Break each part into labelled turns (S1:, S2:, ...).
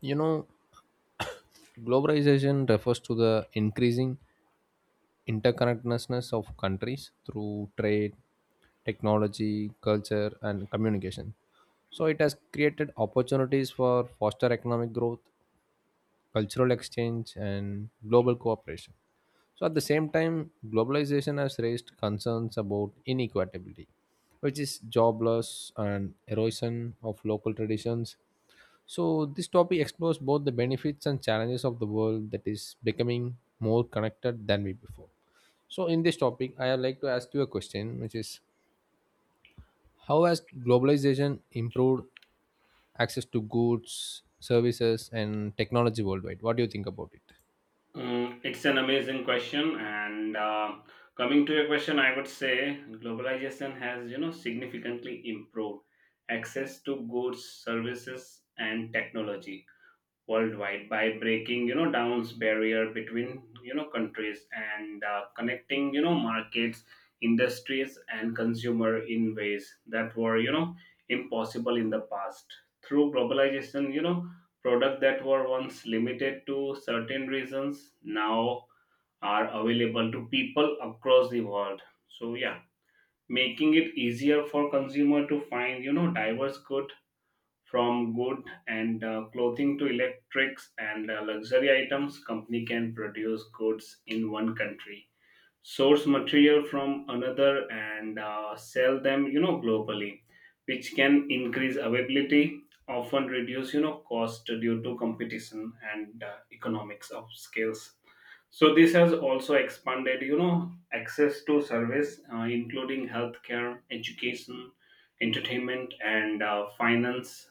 S1: You know, globalization refers to the increasing interconnectedness of countries through trade, technology, culture, and communication. So it has created opportunities for foster economic growth, cultural exchange, and global cooperation. So at the same time, globalization has raised concerns about inequality, which is jobless and erosion of local traditions, so this topic explores both the benefits and challenges of the world that is becoming more connected than we before. So, in this topic, I would like to ask you a question, which is how has globalization improved access to goods, services, and technology worldwide? What do you think about it?
S2: It's an amazing question, and coming to your question, I would say globalization has significantly improved access to goods, services, and technology worldwide by breaking down barrier between countries and connecting markets, industries and consumer in ways that were impossible in the past. Through globalization, products that were once limited to certain regions now are available to people across the world, so yeah, making it easier for consumer to find diverse good. From good and clothing to electrics and luxury items, company can produce goods in one country, source material from another, and sell them, globally, which can increase availability, often reduce, cost due to competition and economics of scales. So this has also expanded, access to service, including healthcare, education, entertainment, and finance,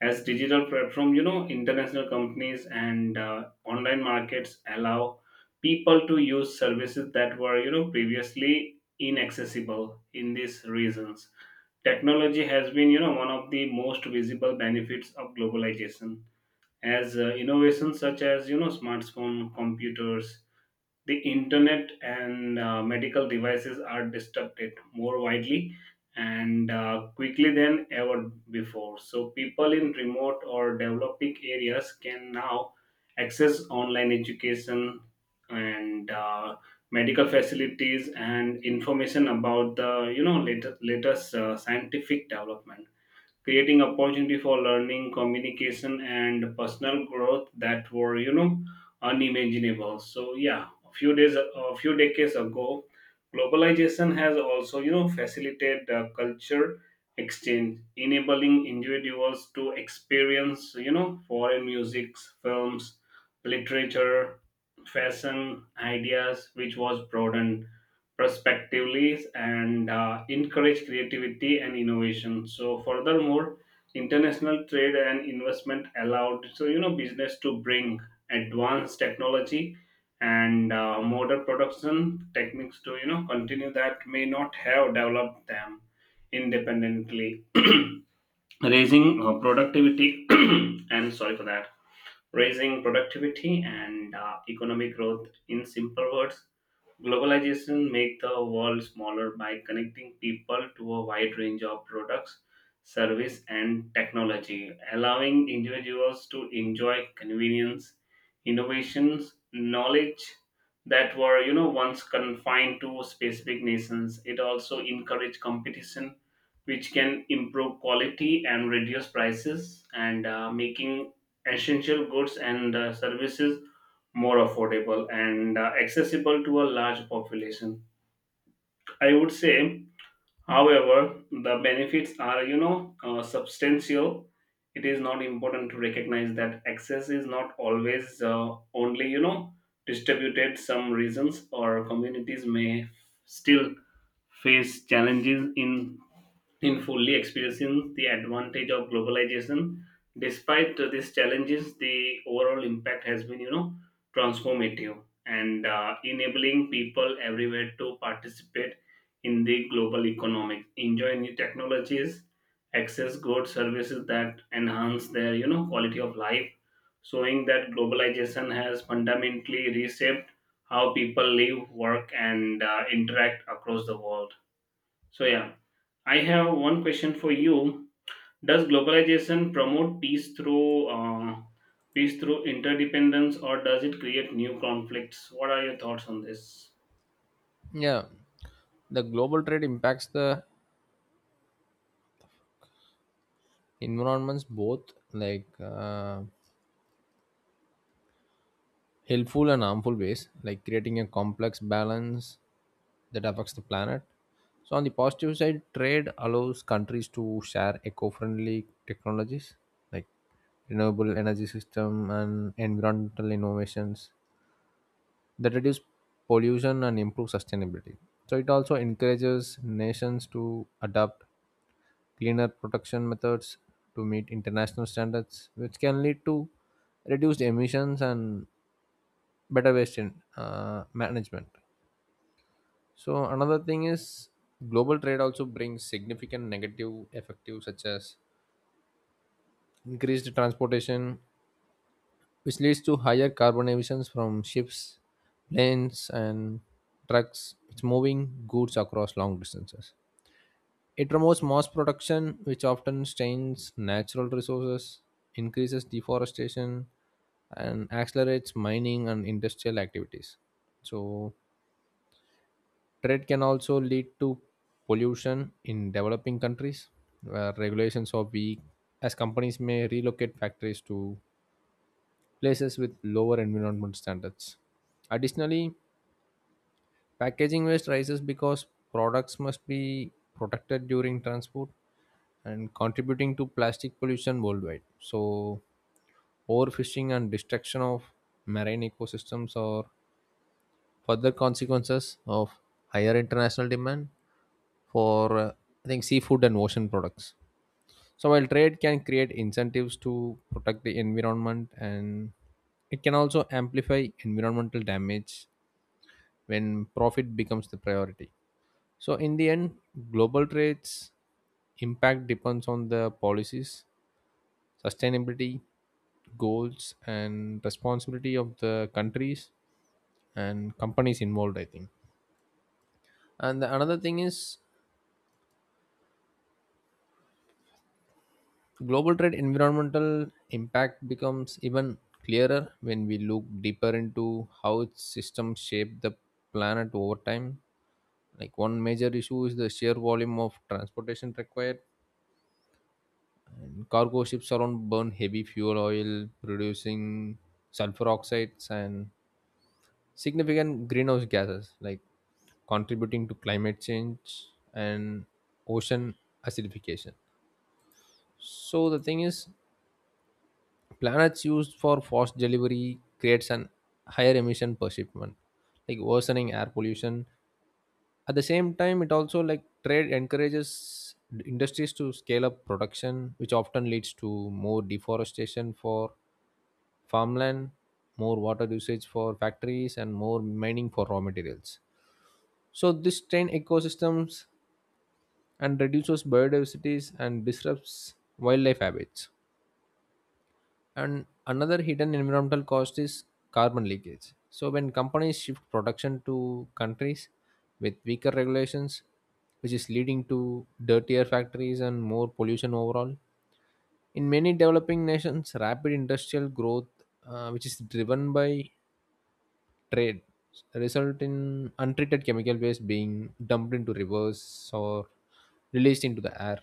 S2: as digital platform, international companies and online markets allow people to use services that were, previously inaccessible in these reasons. Technology has been, one of the most visible benefits of globalization, as innovations such as, smartphone, computers, the internet and medical devices are disrupted more widely and quickly than ever before. So, people in remote or developing areas can now access online education and medical facilities and information about the latest scientific development, creating opportunity for learning, communication, and personal growth that were unimaginable. So yeah, a few decades ago, globalization has also facilitated culture exchange, enabling individuals to experience foreign musics, films, literature, fashion ideas, which was broadened prospectively and encourage creativity and innovation. So, furthermore, international trade and investment allowed so business to bring advanced technology and modern production techniques to continue that may not have developed them independently raising productivity and sorry for that, raising productivity and economic growth. In simple words, globalization make the world smaller by connecting people to a wide range of products, service and technology, allowing individuals to enjoy convenience, innovations, knowledge that were once confined to specific nations. It also encourage competition, which can improve quality and reduce prices and making essential goods and services more affordable and accessible to a large population, I would say. However, the benefits are, substantial. It is not important to recognize that access is not always only, distributed. Some regions or communities may still face challenges in fully experiencing the advantage of globalization. Despite these challenges, the overall impact has been, transformative and enabling people everywhere to participate in the global economics, enjoy new technologies, access goods, services that enhance their quality of life, showing that globalization has fundamentally reshaped how people live, work and interact across the world. So yeah, I have one question for you. Does globalization promote peace through interdependence, or does it create new conflicts? What are your thoughts on this?
S1: Yeah, the global trade impacts the environments both like helpful and harmful ways, like creating a complex balance that affects the planet. So, on the positive side, trade allows countries to share eco friendly technologies like renewable energy system and environmental innovations that reduce pollution and improve sustainability. So, it also encourages nations to adopt cleaner production methods to meet international standards, which can lead to reduced emissions and better waste management. So another thing is global trade also brings significant negative effects such as increased transportation, which leads to higher carbon emissions from ships, planes, and trucks. It's moving goods across long distances. It promotes mass production, which often strains natural resources, increases deforestation, and accelerates mining and industrial activities. So trade can also lead to pollution in developing countries where regulations are weak, as companies may relocate factories to places with lower environmental standards. Additionally, packaging waste rises because products must be protected during transport and contributing to plastic pollution worldwide. So, overfishing and destruction of marine ecosystems are further consequences of higher international demand for I think seafood and ocean products. So while trade can create incentives to protect the environment and it can also amplify environmental damage when profit becomes the priority. So in the end, global trade's impact depends on the policies, sustainability, goals and responsibility of the countries and companies involved, I think. And the another thing is global trade environmental impact becomes even clearer when we look deeper into how its systems shape the planet over time. Like one major issue is the sheer volume of transportation required. And cargo ships around burn heavy fuel oil, producing sulfur oxides and significant greenhouse gases, like contributing to climate change and ocean acidification. So the thing is, planets used for fast delivery creates an higher emission per shipment, like worsening air pollution. At the same time, it also like trade encourages industries to scale up production, which often leads to more deforestation for farmland, more water usage for factories, and more mining for raw materials. So this strains ecosystems and reduces biodiversity and disrupts wildlife habits. And another hidden environmental cost is carbon leakage. So when companies shift production to countries with weaker regulations, which is leading to dirtier factories and more pollution overall. In many developing nations, rapid industrial growth, which is driven by trade, result in untreated chemical waste being dumped into rivers or released into the air.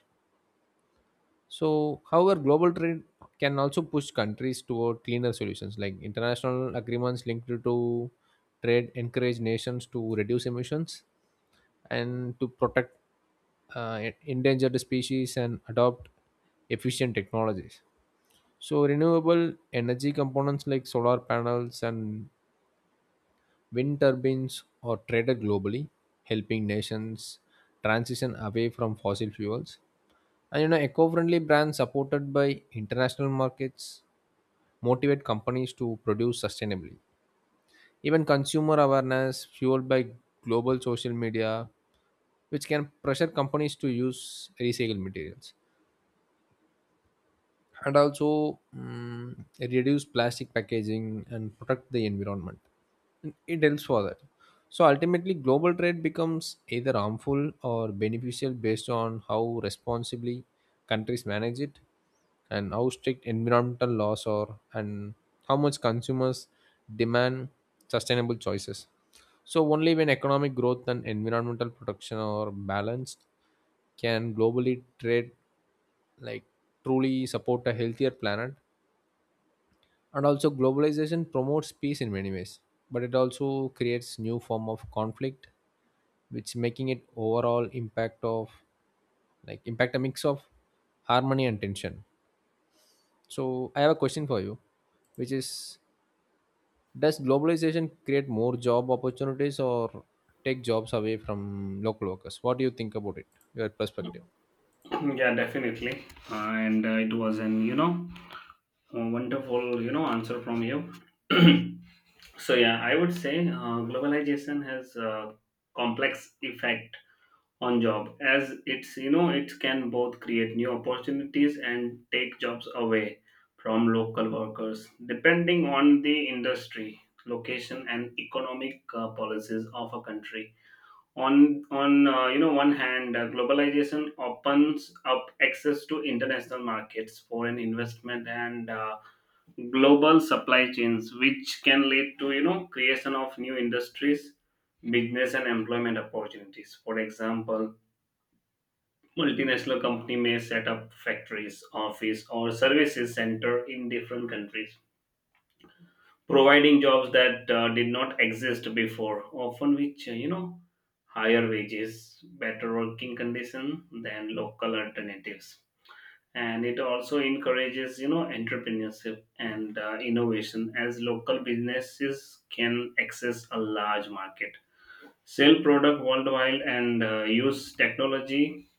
S1: So, however, global trade can also push countries toward cleaner solutions like international agreements linked to trade encourage nations to reduce emissions and to protect endangered species and adopt efficient technologies. So, renewable energy components like solar panels and wind turbines are traded globally, helping nations transition away from fossil fuels. And you know, eco-friendly brands supported by international markets motivate companies to produce sustainably. Even consumer awareness fueled by global social media, which can pressure companies to use recycled materials and also reduce plastic packaging and protect the environment. And it helps for that. So ultimately, global trade becomes either harmful or beneficial based on how responsibly countries manage it and how strict environmental laws are and how much consumers demand sustainable choices. So only when economic growth and environmental protection are balanced can globally trade like truly support a healthier planet. And also globalization promotes peace in many ways but it also creates new form of conflict which making it overall impact of like impact a mix of harmony and tension. So I have a question for you, which is, does globalization create more job opportunities or take jobs away from local workers? What do you think about it? Your perspective?
S2: Yeah, definitely. And it was an you know wonderful, answer from you. So yeah, I would say globalization has a complex effect on job, as it's it can both create new opportunities and take jobs away from local workers depending on the industry, location, and economic policies of a country. On one hand, globalization opens up access to international markets, foreign investment, and global supply chains, which can lead to creation of new industries, business and employment opportunities. For example, multinational company may set up factories, office or services center in different countries, providing jobs that did not exist before, often which higher wages, better working condition than local alternatives. And it also encourages entrepreneurship and innovation, as local businesses can access a large market, sell product worldwide and use technology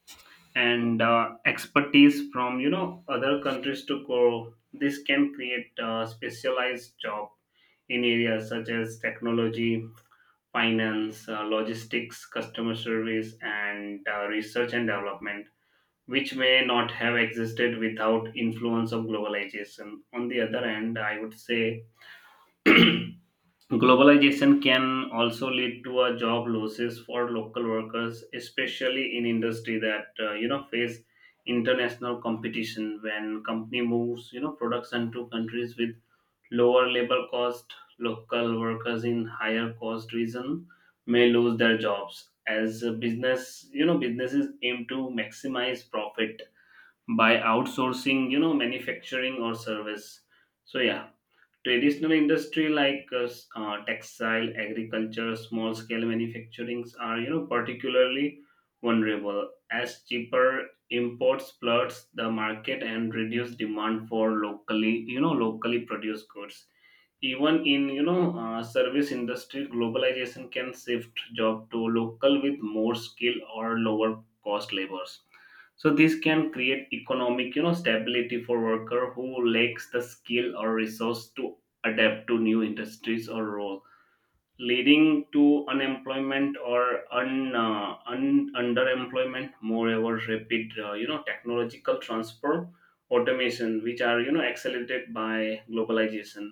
S2: and expertise from other countries to grow. This can create specialized job in areas such as technology, finance, logistics, customer service and research and development, which may not have existed without influence of globalization. On the other hand, I would say globalization can also lead to a job losses for local workers, especially in industry that face international competition. When company moves production to countries with lower labor cost, local workers in higher cost region may lose their jobs, as a business businesses aim to maximize profit by outsourcing manufacturing or service. So yeah, traditional industry like textile, agriculture, small scale manufacturings are particularly vulnerable, as cheaper imports floods the market and reduce demand for locally you know locally produced goods. Even in service industry, globalization can shift job to local with more skill or lower cost labors. So this can create economic stability for worker who lacks the skill or resource to adapt to new industries or role, leading to unemployment or un, un underemployment. Moreover, rapid technological transfer, automation, which are accelerated by globalization,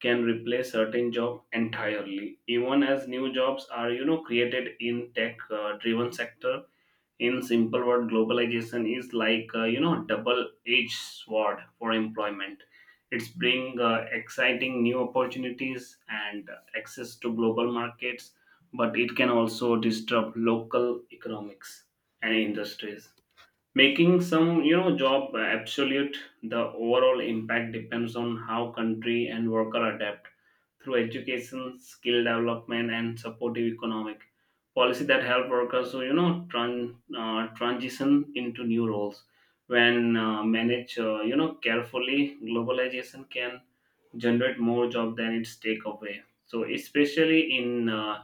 S2: can replace certain job entirely, even as new jobs are created in tech driven sector. In simple word, globalization is like double edged sword for employment. It's bring exciting new opportunities and access to global markets, but it can also disrupt local economics and industries, making some job absolute. The overall impact depends on how country and worker adapt through education, skill development, and supportive economic policy that help workers to transition into new roles. When managed carefully, globalization can generate more job than it's take away. So especially in uh,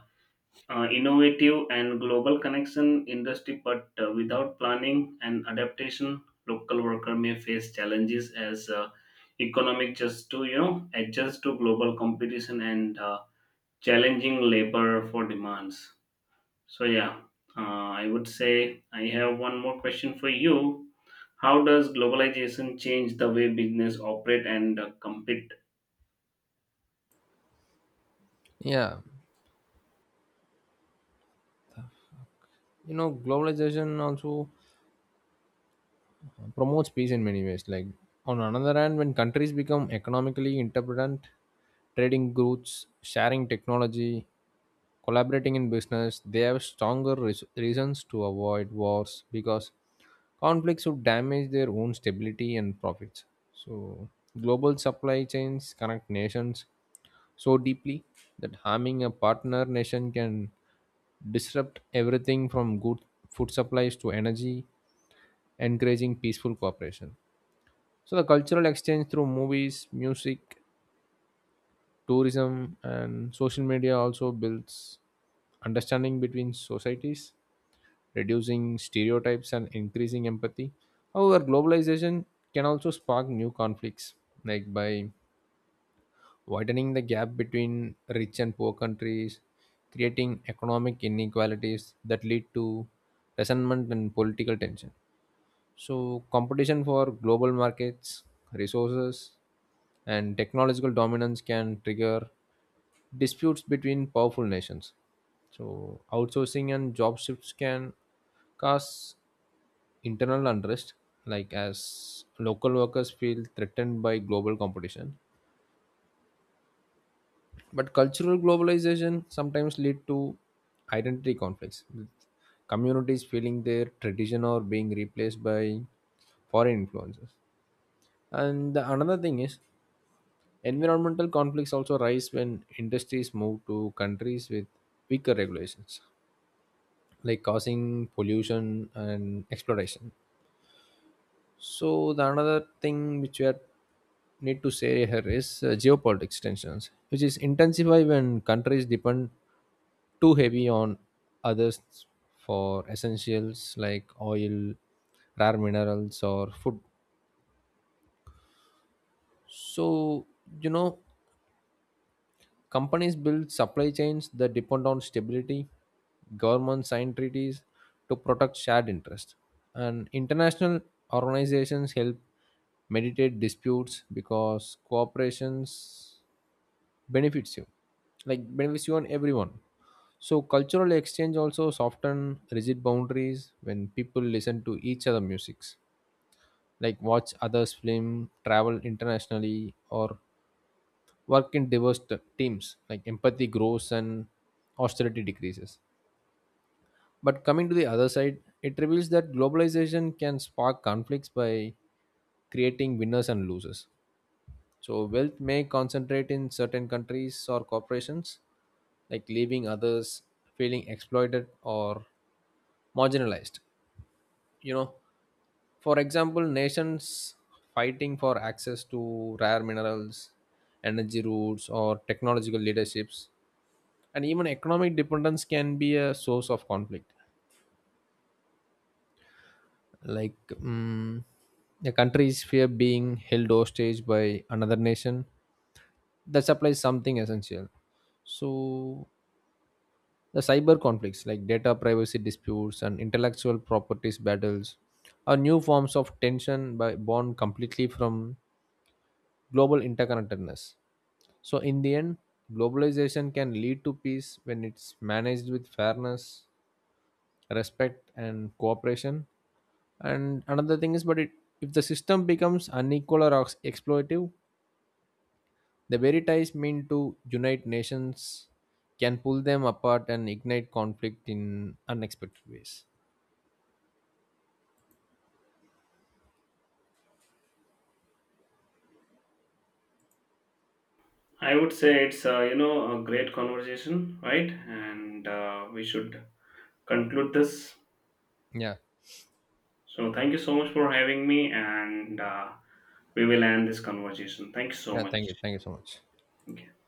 S2: uh, innovative and global connection industry, but without planning and adaptation, local worker may face challenges as economic just to adjust to global competition and challenging labor for demands. So yeah, I would say I have one more question for you. How does globalization change the way business operate and compete?
S1: Yeah, you know globalization also promotes peace in many ways. Like on another hand, when countries become economically interdependent, trading goods, sharing technology, collaborating in business, they have stronger reasons to avoid wars because conflicts would damage their own stability and profits. So global supply chains connect nations so deeply that harming a partner nation can disrupt everything from good food supplies to energy, encouraging peaceful cooperation. So the cultural exchange through movies, music, tourism, and social media also builds understanding between societies, reducing stereotypes and increasing empathy. However, globalization can also spark new conflicts, like by widening the gap between rich and poor countries, creating economic inequalities that lead to resentment and political tension. So, competition for global markets, resources, and technological dominance can trigger disputes between powerful nations. So, outsourcing and job shifts can cause internal unrest, like as local workers feel threatened by global competition. But cultural globalization sometimes lead to identity conflicts, with communities feeling their tradition or being replaced by foreign influences. And the another thing is, environmental conflicts also rise when industries move to countries with weaker regulations, like causing pollution and exploration. So the another thing which we are need to say here is geopolitics tensions, which is intensify when countries depend too heavy on others for essentials like oil, rare minerals, or food. So you know companies build supply chains that depend on stability, governments sign treaties to protect shared interests, and international organizations help mediate disputes because cooperations benefits you, like benefits you and everyone. So cultural exchange also soften rigid boundaries when people listen to each other musics, like watch others' film, travel internationally, or work in diverse teams like empathy grows and austerity decreases. But coming to the other side it reveals that globalization can spark conflicts by creating winners and losers. So wealth may concentrate in certain countries or corporations, like leaving others feeling exploited or marginalized. You know, for example, nations fighting for access to rare minerals, energy routes or technological leaderships. And even economic dependence can be a source of conflict, like um, the countries fear being held hostage by another nation that supplies something essential. So the cyber conflicts like data privacy disputes and intellectual properties battles are new forms of tension by born completely from global interconnectedness. So in the end, globalization can lead to peace when it's managed with fairness, respect and cooperation. And another thing is, but it, if the system becomes unequal or exploitive, the very ties meant to unite nations can pull them apart and ignite conflict in unexpected ways.
S2: I would say it's a great conversation, right? And We should conclude this.
S1: Yeah.
S2: So thank you so much for having me, and we will end this conversation. Thank you so
S1: Yeah. Thank you.
S2: much.
S1: Thank you so much.
S2: Thank you.